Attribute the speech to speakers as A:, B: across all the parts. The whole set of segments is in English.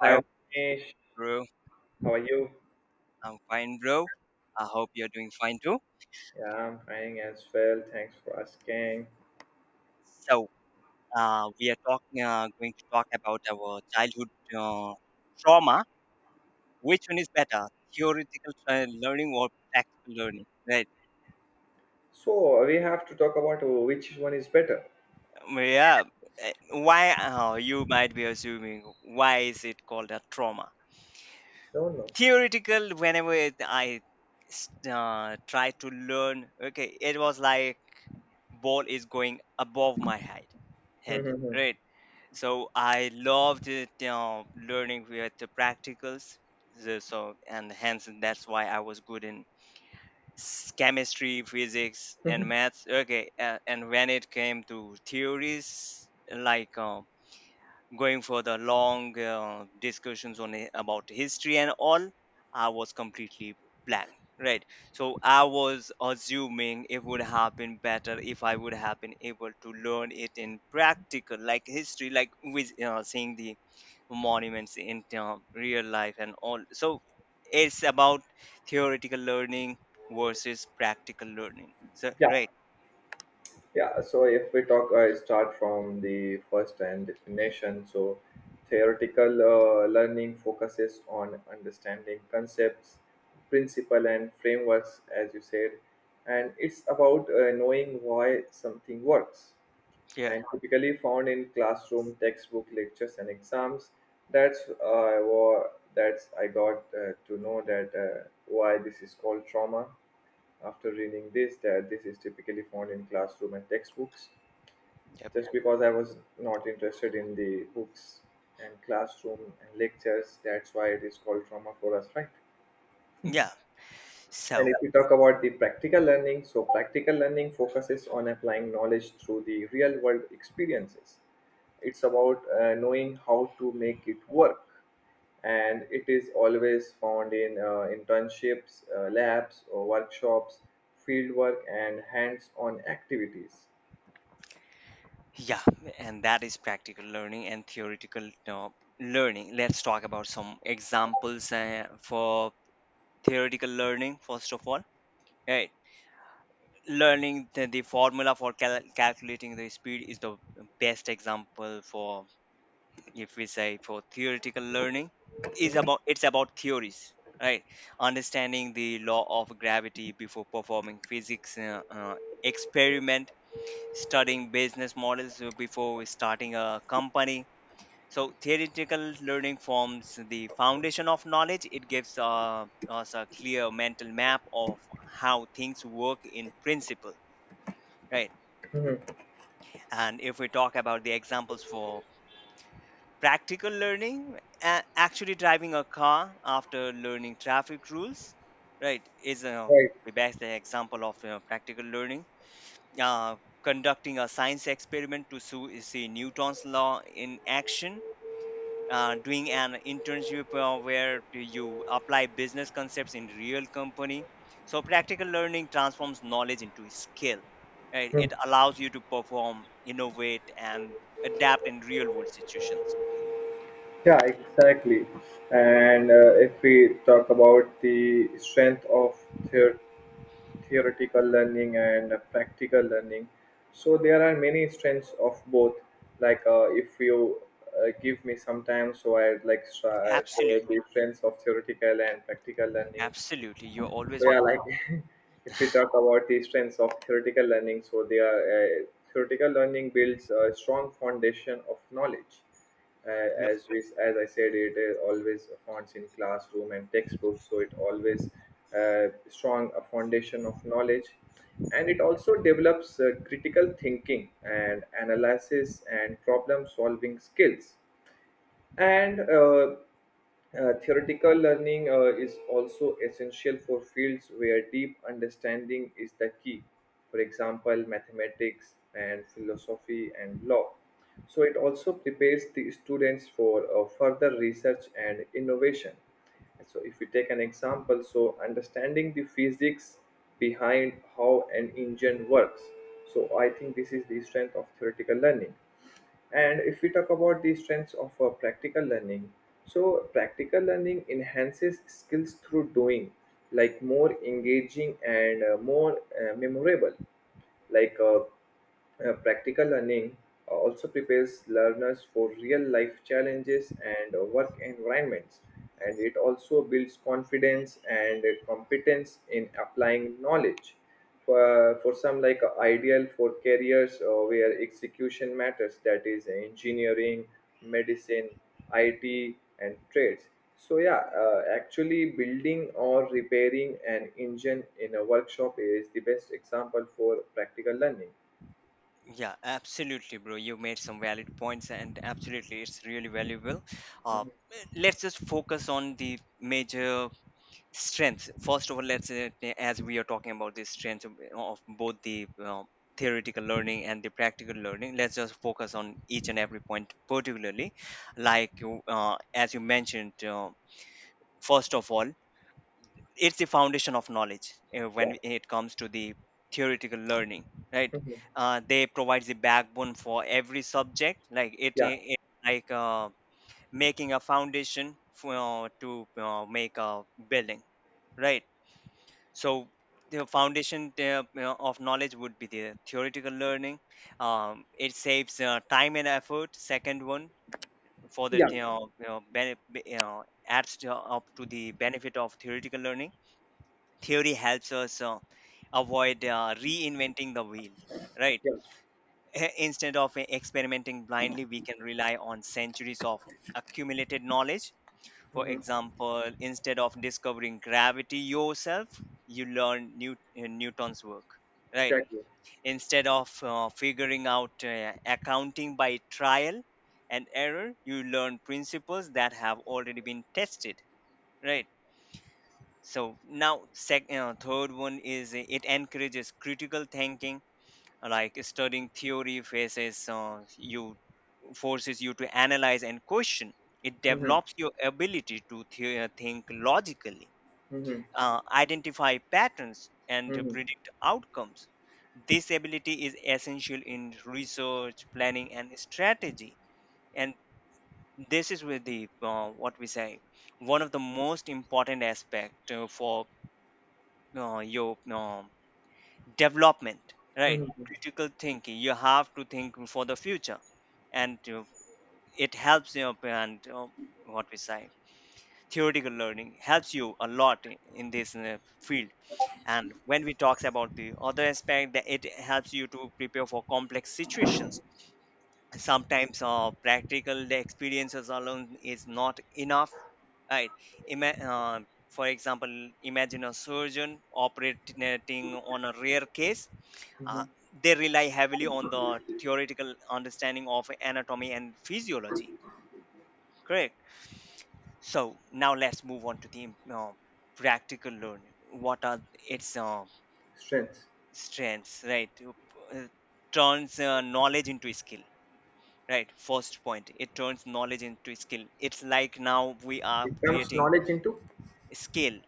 A: Hi,
B: Hi,
A: Manish.
B: bro.
A: How are you?
B: I'm fine, bro. I hope you're doing fine too.
A: Yeah, I'm fine as well. Thanks for asking.
B: So, we are talking, going to talk about our childhood uh, trauma. Which one is better, theoretical learning or practical learning? Right.
A: So, we have to talk about which one is better.
B: Yeah. uh, Why? Oh, you might be assuming why is it called a trauma?
A: Don't know.
B: Theoretical. Whenever I s- try to learn, okay, it was like ball is going above my head. Right. So I loved it, you learning with the practicals. So and hence that's why I was good in chemistry, physics, and
A: Mhm.
B: maths. Okay, and when it came to theories, like going for the long discussions on about history and all, I was completely blank. Right. So I was assuming it would have been better if I would have been able to learn it in practical, like history, like with seeing the monuments in real life and all, so it's about theoretical learning versus practical learning, so
A: Yeah,
B: right.
A: yeah. So, if we talk, start from the first and definition. So, theoretical learning focuses on understanding concepts, principle, and frameworks, as you said, and it's about knowing why something works,
B: Yeah,
A: and typically found in classroom textbook lectures and exams. That's uh, wa- that's I got to know that why this is called trauma. After reading this, that this is typically found in classroom and textbooks. Just because I was not interested in the books and classroom and lectures, that's why it is called trauma for us, right?
B: yeah, yeah,
A: And if
B: so
A: you talk about the practical learning, so practical learning focuses on applying knowledge through the real world experiences. It's about knowing how to make it work. And it is always found in internships, labs, or workshops, field work, and hands on activities.
B: yeah, and that is practical learning and theoretical learning. Let's talk about some examples for theoretical learning, first of all. Right. Learning the formula for calculating the speed is the best example for, if we say, for theoretical learning. Is about It's about theories, right? Understanding the law of gravity before performing physics experiment, studying business models before starting a company. So theoretical learning forms the foundation of knowledge. It gives us a clear mental map of how things work in principle, right.
A: Hmm.
B: And if we talk about the examples for practical learning, actually driving a car after learning traffic rules, right, is
A: Right.
B: the best example of practical learning. uh, Conducting a science experiment to see Newton's law in action. Doing an internship where you apply business concepts in real company. So practical learning transforms knowledge into skill, right?
A: Mm.
B: It allows you to perform, innovate, and adapt in real world situations.
A: Yeah, exactly. And if we talk about the strength of theory theoretical learning and practical learning. So there are many strengths of both. Like if you give me some time, so I'd like share the
B: Absolutely,
A: strengths of theoretical and practical learning.
B: absolutely, you're always
A: So yeah,
B: welcome.
A: like if we talk about the strengths of theoretical learning, so they are uh, theoretical learning builds a strong foundation of knowledge.
B: Yep.
A: As we, as I said, it is always founds in classroom and textbooks, so it always strong a foundation of knowledge, and it also develops critical thinking and analysis and problem solving skills and theoretical learning is also essential for fields where deep understanding is the key, for example, mathematics and philosophy and law. So, it also prepares the students for further research and innovation. And So, if we take an example, so understanding the physics behind how an engine works. So, I think this is the strength of theoretical learning, and if we talk about the strengths of practical learning, so practical learning enhances skills through doing, like more engaging and more memorable, like practical learning also prepares learners for real life challenges and work environments, and it also builds confidence and competence in applying knowledge for some, like ideal for careers where execution matters, that is engineering, medicine, IT, and trades. So, yeah, actually, building or repairing an engine in a workshop is the best example for practical learning.
B: Yeah, absolutely, bro, you made some valid points, and absolutely it's really valuable. uh
A: Mhm.
B: let's just focus on the major strengths first of all. Let's as we are talking about the strengths of both the theoretical learning and the practical learning, let's just focus on each and every point particularly. Like you, as you mentioned, first of all, it's the foundation of knowledge,
A: Yeah.
B: when it comes to the theoretical learning, right.
A: Mhm.
B: They provide the backbone for every subject, like it,
A: Yeah.
B: it like making a foundation for, to make a building, right. So the foundation, of knowledge would be the theoretical learning. It saves time and effort. Second one, for the,
A: Yeah.
B: adds to, up to the benefit of theoretical learning. Theory helps us avoid reinventing the wheel, right.
A: Yeah.
B: Instead of experimenting blindly, we can rely on centuries of accumulated knowledge. For
A: Mhm.
B: example, instead of discovering gravity yourself, you learn Newton's work, right?
A: Exactly.
B: Instead of figuring out accounting by trial and error, you learn principles that have already been tested, right? So now, third one is, it encourages critical thinking. Like studying theory faces you forces you to analyze and question. It
A: Mm-hmm.
B: develops your ability to think logically,
A: Mm-hmm.
B: identify patterns, and to
A: Mm-hmm.
B: predict outcomes. This ability is essential in research, planning, and strategy. And this is where the, what we say, one of the most important aspect, for your development, right?
A: Mm-hmm.
B: Critical thinking. You have to think for the future, and it helps you. Up And, what we say, theoretical learning helps you a lot in this field. And when we talk about the other aspect, that it helps you to prepare for complex situations, sometimes practical experiences alone is not enough, right. Ima- uh, for example, imagine a surgeon operating on a rare case.
A: Mm-hmm.
B: uh, they rely heavily on the theoretical understanding of anatomy and physiology, correct. So now let's move on to the practical learning. What are its
A: Strengths.
B: strengths, right? Turns knowledge into skill, right? First point, it turns knowledge into skill. It's like now we are
A: It comes
B: creating
A: knowledge into
B: skill.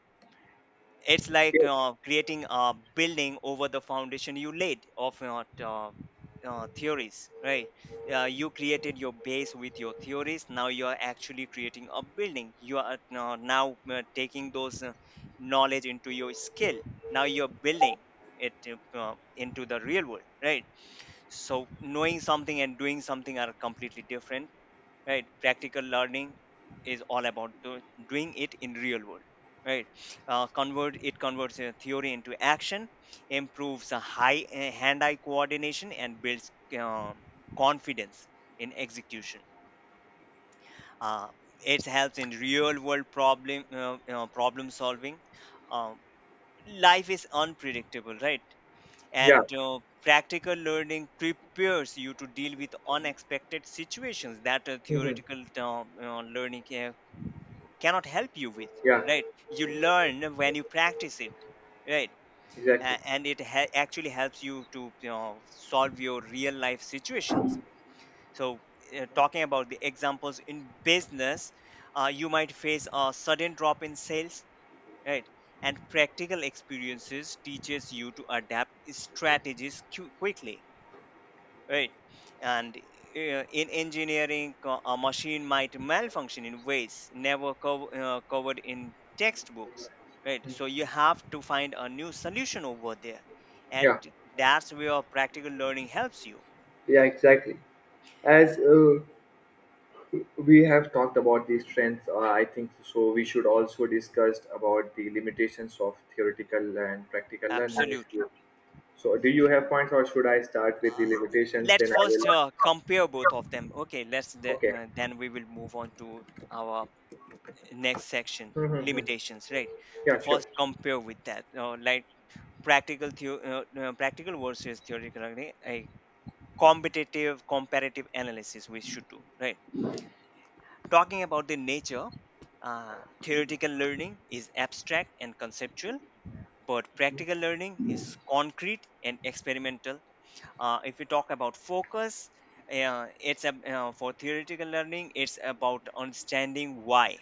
B: It's like
A: skill.
B: creating a building over the foundation you laid of your theories, right? You created your base with your theories. Now you are actually creating a building. You are now taking those knowledge into your skill. Now you're building it into the real world, right? So knowing something and doing something are completely different, right. Practical learning is all about doing it in real world, right. Uh, convert it converts uh, theory into action, improves high hand eye coordination, and builds um confidence in execution. uh, it helps in real world problem solving. um, Life is unpredictable, right.
A: Yeah.
B: And practical learning prepares you to deal with unexpected situations that
A: Mm-hmm.
B: theoretical learning cannot help you with,
A: Yeah.
B: right. You learn when you practice it, right.
A: Exactly.
B: And it actually helps you to, solve your real life situations. So talking about the examples in business, you might face a sudden drop in sales, right. And practical experiences teaches you to adapt strategies quickly, right. And in engineering, a machine might malfunction in ways never covered in textbooks, right. So you have to find a new solution over there. And
A: Yeah.
B: that's where practical learning helps you.
A: Yeah. Exactly. As we have talked about the strengths, I think so we should also discuss about the limitations of theoretical and practical learning. If
B: Absolutely.
A: you, so do you have points, or should I start with the limitations,
B: Let's
A: then I will.
B: first compare both of them. Okay, let's the,
A: Okay.
B: uh, then we will move on to our next section,
A: Mm-hmm.
B: limitations, right.
A: Yeah, sure.
B: First compare with that, like, practical versus theoretical learning. Competitive comparative analysis we should do, right. Talking about the nature, uh, theoretical learning is abstract and conceptual, but practical learning is concrete and experimental. If we talk about focus, for theoretical learning it's about understanding why,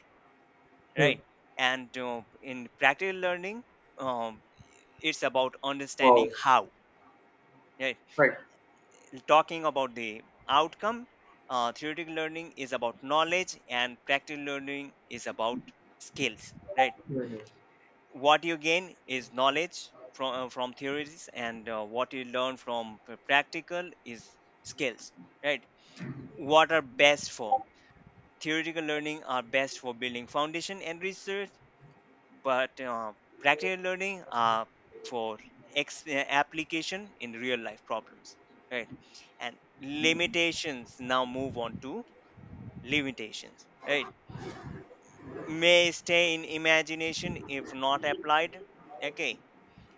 A: Hmm.
B: right. And in practical learning, um, it's about
A: Wow.
B: understanding how, right.
A: Right.
B: Talking about the outcome, theoretical learning is about knowledge, and practical learning is about skills, right?
A: Mhm.
B: What you gain is knowledge from theories, and what you learn from practical is skills, right? What are best for? Theoretical learning are best for building foundation and research, but practical learning are for application in real life problems, right. And limitations, now move on to limitations, right. May stay in imagination if not applied, okay.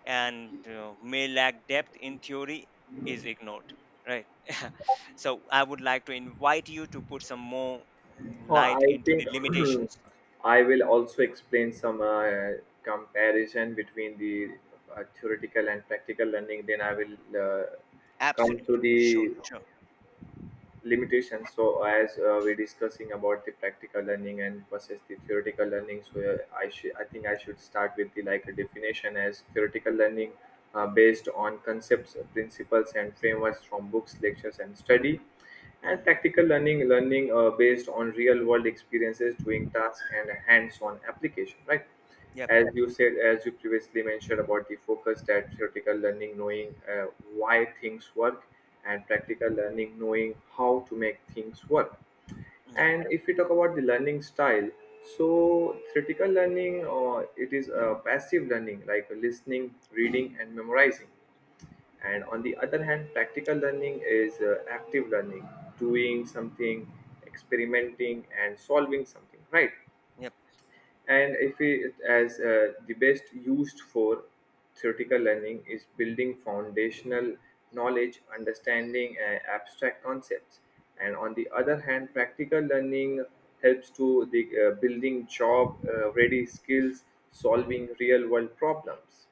B: And may lack depth in theory is ignored, right. So I would like to invite you to put some more
A: Oh,
B: light
A: I
B: into the
A: think
B: limitations.
A: I will also explain some comparison between the theoretical and practical learning, then I will uh, come
B: Absolutely.
A: to the
B: Sure, sure.
A: limitations. So as we're discussing about the practical learning and versus the theoretical learning, so I think I should start with the, like a definition, as theoretical learning based on concepts, principles and frameworks from books, lectures and study, and practical
B: Mhm.
A: learning learning based on real world experiences, doing tasks and hands on application, right?
B: Yep.
A: As you said, as you previously mentioned about the focus, that theoretical learning, knowing why things work, and practical learning, knowing how to make things work.
B: Yep.
A: And if we talk about the learning style, so theoretical learning, it is passive learning like listening, reading, and memorizing. And on the other hand, practical learning is active learning, doing something, experimenting, and solving something, right?
B: Yep.
A: And if it as the best used for theoretical learning is building foundational knowledge, understanding abstract concepts, and on the other hand practical learning helps to the building job ready skills, solving real world problems.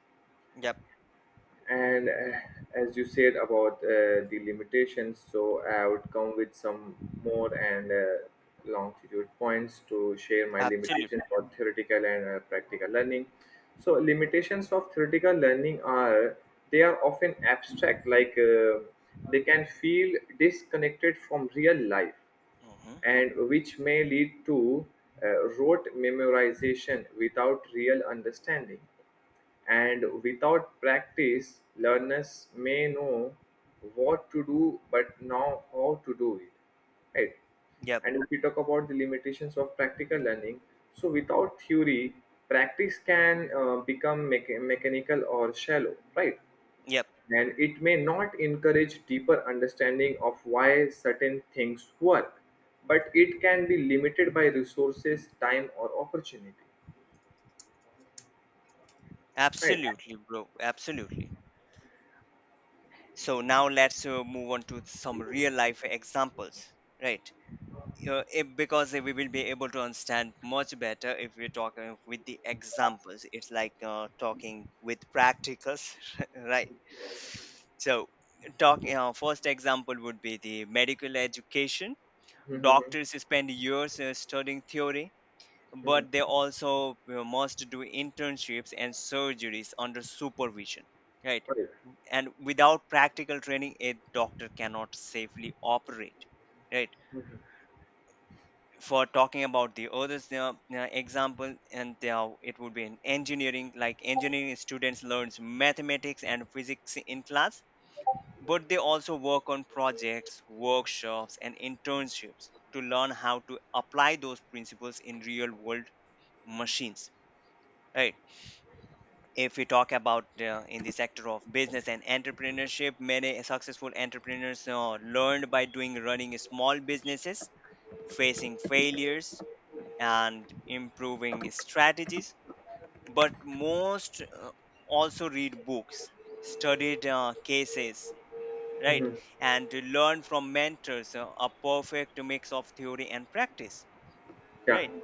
B: Yep.
A: And as you said about the limitations, so I would come with some more and longitude points to share my limitations
B: Absolutely.
A: for theoretical and practical learning. So limitations of theoretical learning are they are often abstract, like they can feel disconnected from real life,
B: Hmm.
A: and which may lead to rote memorization without real understanding. And without practice, learners may know what to do but not how to do it. Right?
B: Yep.
A: And if we talk about the limitations of practical learning, so without theory, practice can become mechanical or shallow, right?
B: Yep.
A: And it may not encourage deeper understanding of why certain things work, but it can be limited by resources, time or opportunity, right?
B: Absolutely, bro. Absolutely. So now let's move on to some real life examples, right? If, because we will be able to understand much better if we're talking with the examples. It's like talking with practicals, right? So, talking, first example would be the medical education.
A: Mm-hmm. Mm-hmm.
B: Doctors spend years studying theory,
A: Mm-hmm.
B: but they also must do internships and surgeries under supervision, right.
A: Right.
B: And without practical training, a doctor cannot safely operate, right.
A: Mm-hmm.
B: For talking about the others example, and it would be in engineering. Like engineering students learns mathematics and physics in class, but they also work on projects, workshops, and internships to learn how to apply those principles in real world machines, right. If we talk about in the sector of business and entrepreneurship, many successful entrepreneurs learned by doing, running small businesses, facing failures, and improving strategies. But most also read books, studied cases, right.
A: Mm-hmm.
B: And to learn from mentors, a perfect mix of theory and practice,
A: Yeah.
B: right.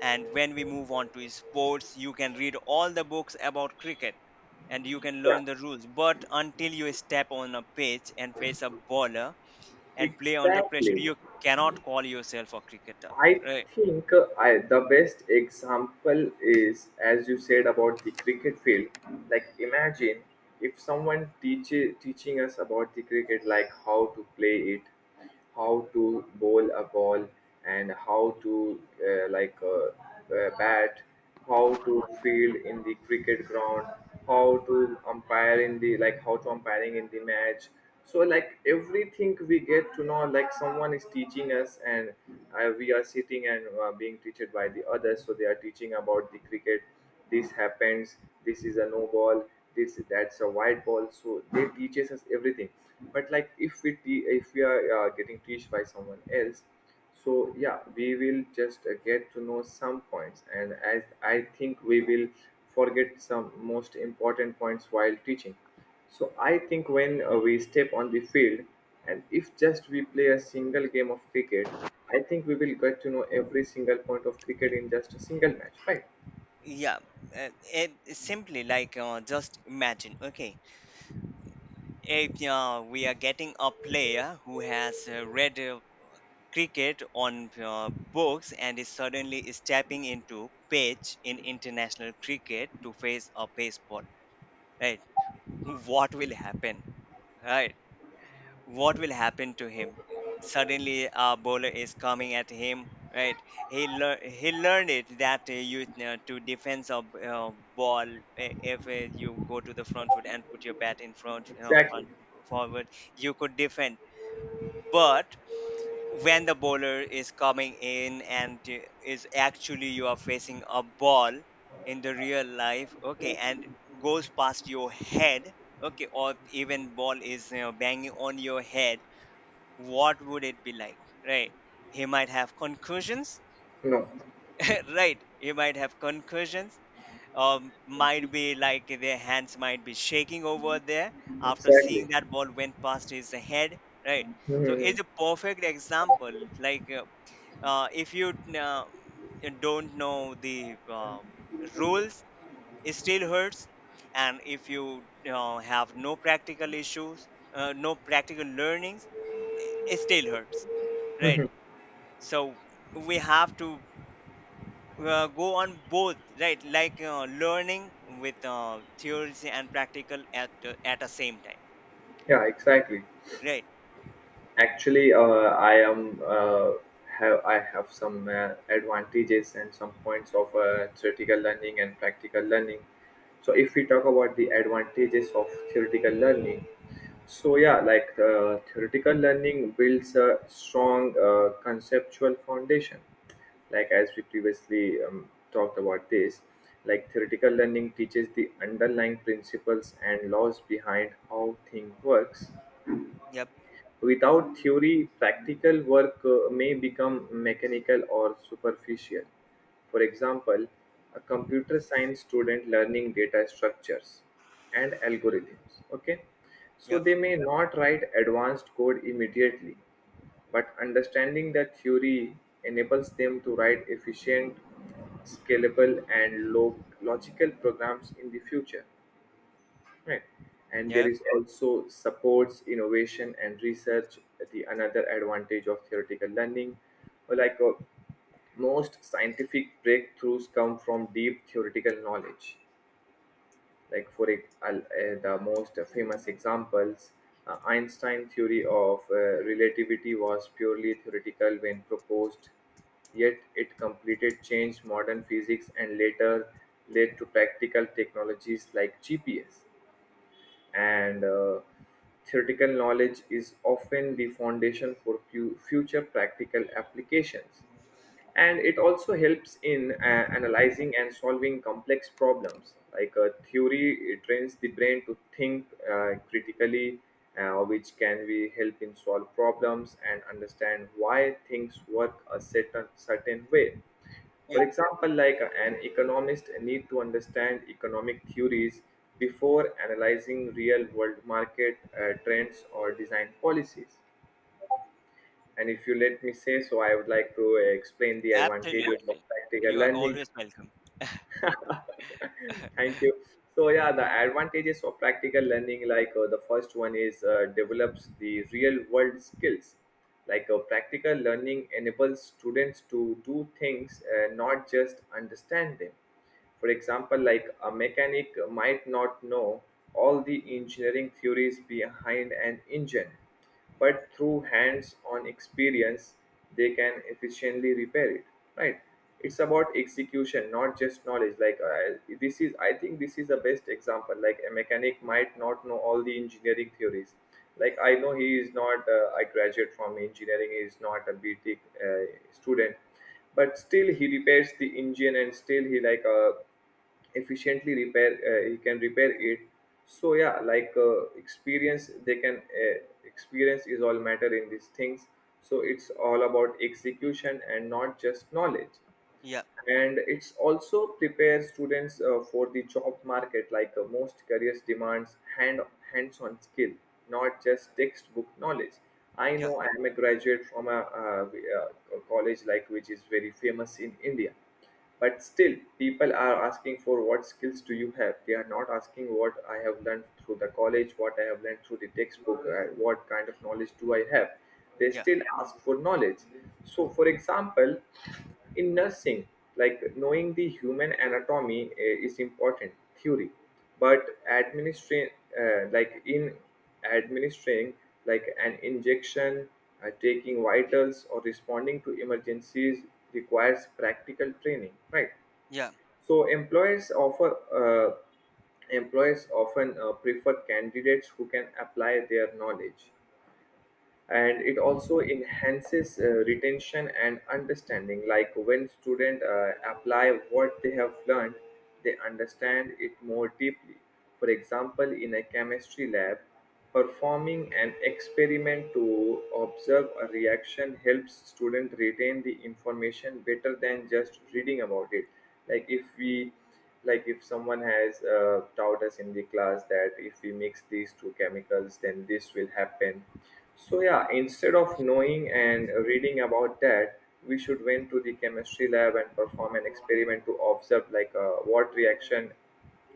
B: And when we move on to sports, you can read all the books about cricket, and you can
A: Yeah,
B: learn the rules. But until you step on a pitch and face a bowler and play under pressure,
A: exactly.
B: you cannot call yourself a cricketer.
A: I
B: Right?
A: think I the best example is as you said about the cricket field. Like imagine if someone teaches teaching us about the cricket, like how to play it, how to bowl a ball, and how to uh, like uh, bat, how to field in the cricket ground, how to umpire in the, like how to umpiring in the match. So like everything we get to know, like someone is teaching us, and we are sitting and being teached by the others. So they are teaching about the cricket. This happens. This is a no ball. This, that's a wide ball. So they teaches us everything. But like if if we are getting teached by someone else, so yeah, we will just get to know some points, and as I think we will forget some most important points while teaching. So I think when we step on the field, and if just we play a single game of cricket, I think we will get to know every single point of cricket in just a single match, right?
B: Yeah. It, simply like, just imagine. Okay, if we are getting a player who has read cricket on books and is suddenly stepping into pitch in international cricket to face a baseball, right? What will happen? Right. What will happen to him? Suddenly a bowler is coming at him, right? He learned it that you to defense a ball. If you go to the front foot and put your bat in front,
A: Exactly.
B: front forward, you could defend. But when the bowler is coming in and is actually, you are facing a ball in the real life, okay, and goes past your head, okay, or even ball is, banging on your head, what would it be like? Right. He might have concussions.
A: No.
B: Right, he might have concussions. Might be like their hands might be shaking over there after
A: Exactly.
B: seeing that ball went past his head, right?
A: Hmm,
B: So
A: hmm, hmm.
B: it's a perfect example. Like uh, uh, if you uh, don't know the rules, it still hurts. And if you have no practical issues, no practical learnings, it still hurts, right? So we have to go on both, right? Learning with theories and practical at at the same time,
A: Yeah, exactly.
B: right?
A: Actually, I have some advantages and some points of theoretical learning and practical learning. So, if we talk about the advantages of theoretical learning, so yeah, like theoretical learning builds a strong conceptual foundation, like as we previously talked about this, like theoretical learning teaches the underlying principles and laws behind how thing works.
B: Yep.
A: Without theory, practical work may become mechanical or superficial. For example, a computer science student learning data structures and algorithms. Okay, so
B: Yep.
A: they may not write advanced code immediately, but understanding the theory enables them to write efficient, scalable, and logical programs in the future. Right. And there
B: Yep.
A: is also supports innovation and research, the another advantage of theoretical learning. Well, like most scientific breakthroughs come from deep theoretical knowledge. Like the most famous examples, Einstein theory of relativity was purely theoretical when proposed, yet it completed changed modern physics and later led to practical technologies like GPS. And theoretical knowledge is often the foundation for future practical applications, and it also helps in analyzing and solving complex problems, like a theory, it trains the brain to think critically, which can be help in solve problems and understand why things work a certain way. For
B: Yep.
A: example, like an economist need to understand economic theories before analyzing real world market trends or design policies. And if you let me say so, I would like to explain the advantages of
B: Absolutely,
A: practical
B: you are
A: learning.
B: always welcome.
A: Thank you. So yeah, the advantages of practical learning, like the first one is develops the real world skills. Like practical learning enables students to do things, not just understand them. For example, like a mechanic might not know all the engineering theories behind an engine, but through hands-on experience they can efficiently repair it, right? It's about execution, not just knowledge. Like I, this is I think this is the best example, like a mechanic might not know all the engineering theories. Like I know he is not, I graduate from engineering, he is not a btech student, but still he repairs the engine, and still he like efficiently repair he can repair it. So yeah, like experience they can uh, experience is all matter in these things. So it's all about execution and not just knowledge.
B: Yeah,
A: And it's also prepare students for the job market, like most careers demands hands-on skill, not just textbook knowledge. I
B: yeah,
A: know I am a graduate from a college like which is very famous in india, but still, people are asking for what skills do you have? They are not asking what I have learned through the college, what I have learned through the textbook, what kind of knowledge do I have? They
B: yeah,
A: still ask for knowledge. So, for example, in nursing, like knowing the human anatomy is important theory, but administration, like in administering, like an injection, taking vitals, or responding to emergencies requires practical training, right? So employers often prefer candidates who can apply their knowledge. And it also enhances retention and understanding, like when students apply what they have learned they understand it more deeply. For example, in a chemistry lab, performing an experiment to observe a reaction helps students retain the information better than just reading about it. like if we like if someone has taught us in the class that if we mix these two chemicals then this will happen, so yeah, instead of knowing and reading about that, we should went to the chemistry lab and perform an experiment to observe like what reaction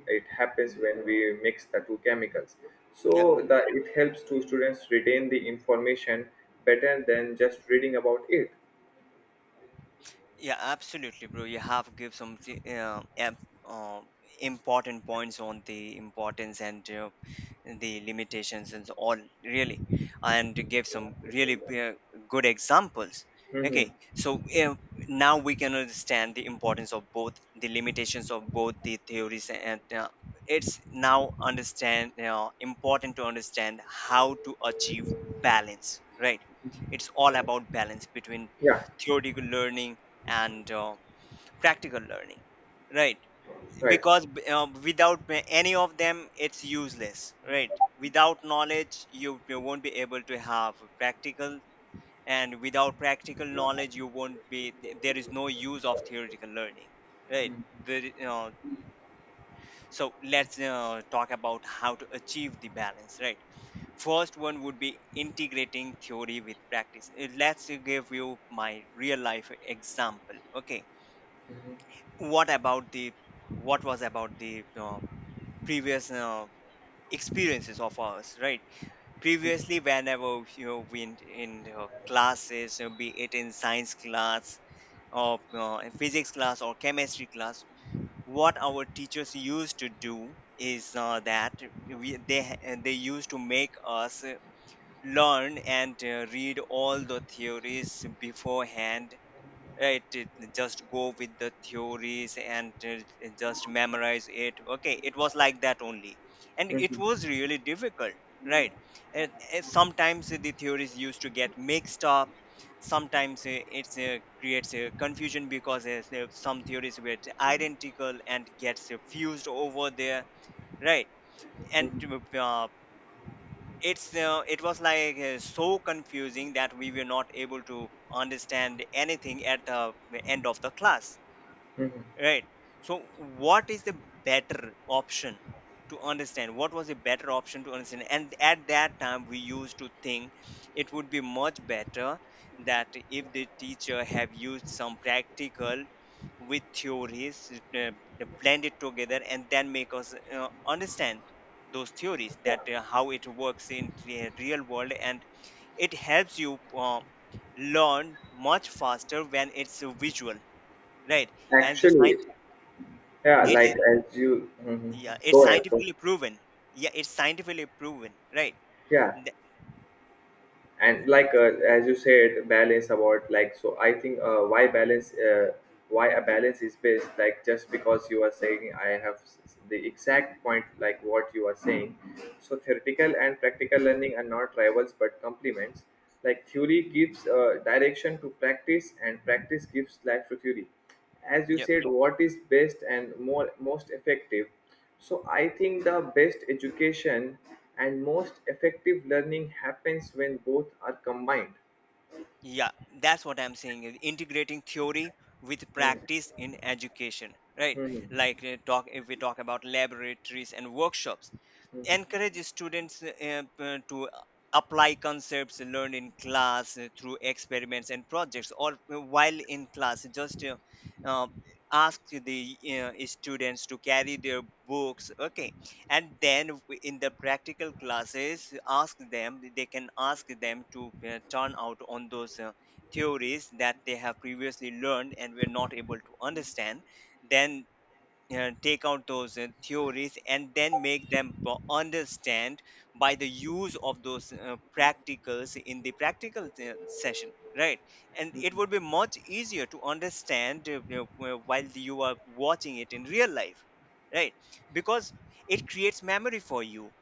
A: it happens when we mix the two chemicals.
B: yeah.
A: So that it helps to students retain the information better than just reading about it.
B: Yeah, absolutely, bro. You have give some uh, em- uh, important points on the importance and the limitations and so on, really, and you gave some really good examples.
A: Hmm.
B: Okay, so now we can understand the importance of both, the limitations of both the theories, and it's now understand important to understand how to achieve balance. Right, it's all about balance between
A: Yeah,
B: theoretical learning and practical learning, right?
A: right.
B: Because without any of them it's useless, right? Without knowledge, you won't be able to have practical, and without practical knowledge you won't be there is no use of theoretical learning, right? The, uh, so let's uh, talk about how to achieve the balance, right? First one would be integrating theory with practice. Let's give you my real life example, okay. What about the what was about the uh, previous experiences of ours, right? Previously, whenever, you know, we in classes, be it in science class or in physics class or chemistry class, what our teachers used to do is that they used to make us learn and read all the theories beforehand. Right, it, just go with the theories and just memorize it. Okay, it was like that only, and it was really difficult, right? And sometimes the theories used to get mixed up. Sometimes it creates confusion because some theories were identical and gets fused over there, right? And uh, it's uh, it was like uh, so confusing that we were not able to understand anything at the end of the class. Right. So, what is the better option to understand? What was the better option to understand? And at that time, we used to think it would be much better that if the teacher have used some practical with theories, uh, blend it together, and then make us understand those theories, that how it works in the real world, and it helps you learn much faster when it's visual, right? And the
A: Actually,
B: science,
A: yeah, like
B: it's,
A: as you. Mhm.
B: yeah, it's
A: Go ahead.
B: scientifically proven. Yeah, it's scientifically proven, right?
A: Yeah,
B: Th-
A: and like as you said balance about, like, so I think why a balance is best, like just because you are saying, I have the exact point like what you are saying. So theoretical and practical learning are not rivals but complements. Like theory gives direction to practice and practice gives life to theory. As you
B: yep.
A: said, what is best and more most effective. So I think the best education and most effective learning happens when both are combined.
B: Yeah, that's what I'm saying, is integrating theory with
A: Hmm.
B: practice in education, right?
A: Hmm.
B: Like talk if we talk about laboratories and workshops,
A: Hmm.
B: encourage students to apply concepts learned in class through experiments and projects, or while in class just uh, ask the students to carry their books, okay, and then in the practical classes, ask them, they can ask them to turn out on those theories that they have previously learned and were not able to understand. Then take out those theories and then make them understand by the use of those practicals in the practical session, right? And it would be much easier to understand, while you are watching it in real life, right? Because it creates memory for you,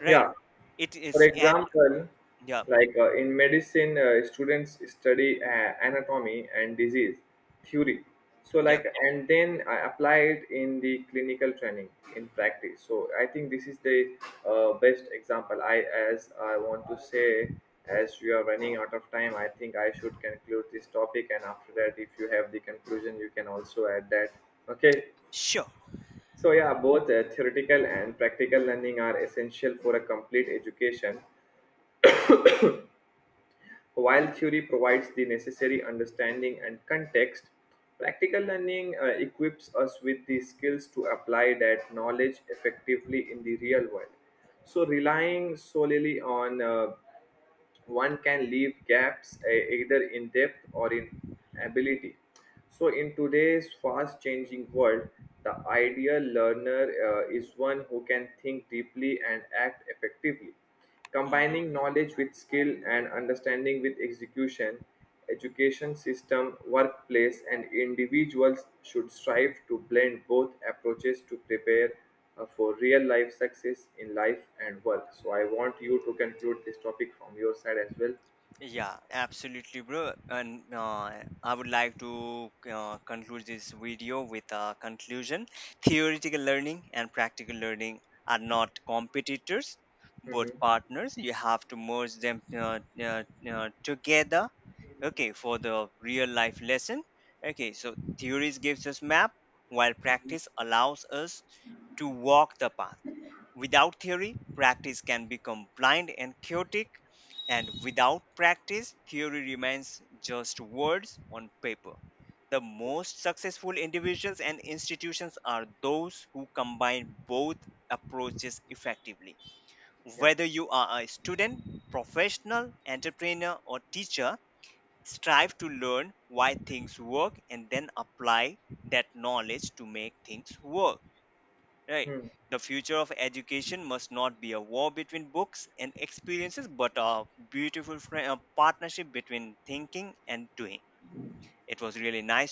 B: right?
A: Yeah.
B: It
A: For
B: is, and
A: example,
B: yeah.
A: like in medicine, students study anatomy and disease theory. So
B: Yeah.
A: like and then I apply it in the clinical training in practice. So I think this is the best example. I, as I want to say, as we are running out of time, I think I should conclude this topic. And after that, if you have the conclusion, you can also add that. Okay.
B: Sure.
A: So yeah, both theoretical and practical learning are essential for a complete education. While theory provides the necessary understanding and context, practical learning equips us with the skills to apply that knowledge effectively in the real world. So, relying solely on one can leave gaps, either in depth or in ability. So, in today's fast changing world, the ideal learner is one who can think deeply and act effectively.
B: Mm-hmm.
A: Combining knowledge with skill and understanding with execution. Education system, workplace, and individuals should strive to blend both approaches to prepare for real life success in life and work. So I want you to conclude this topic from your side as well.
B: Yeah, absolutely, bro. And I would like to conclude this video with a conclusion. Theoretical learning and practical learning are not competitors,
A: Hmm.
B: but partners. You have to merge them together. Okay, for the real life lesson. Okay, so theories gives us map, while practice allows us to walk the path. Without theory, practice can become blind and chaotic, and without practice, theory remains just words on paper. The most successful individuals and institutions are those who combine both approaches effectively.
A: Yeah.
B: Whether you are a student, professional, entrepreneur, or teacher, strive to learn why things work and then apply that knowledge to make things work. Right.
A: Hmm.
B: The future of education must not be a war between books and experiences, but a beautiful partnership between thinking and doing. It was really nice talking.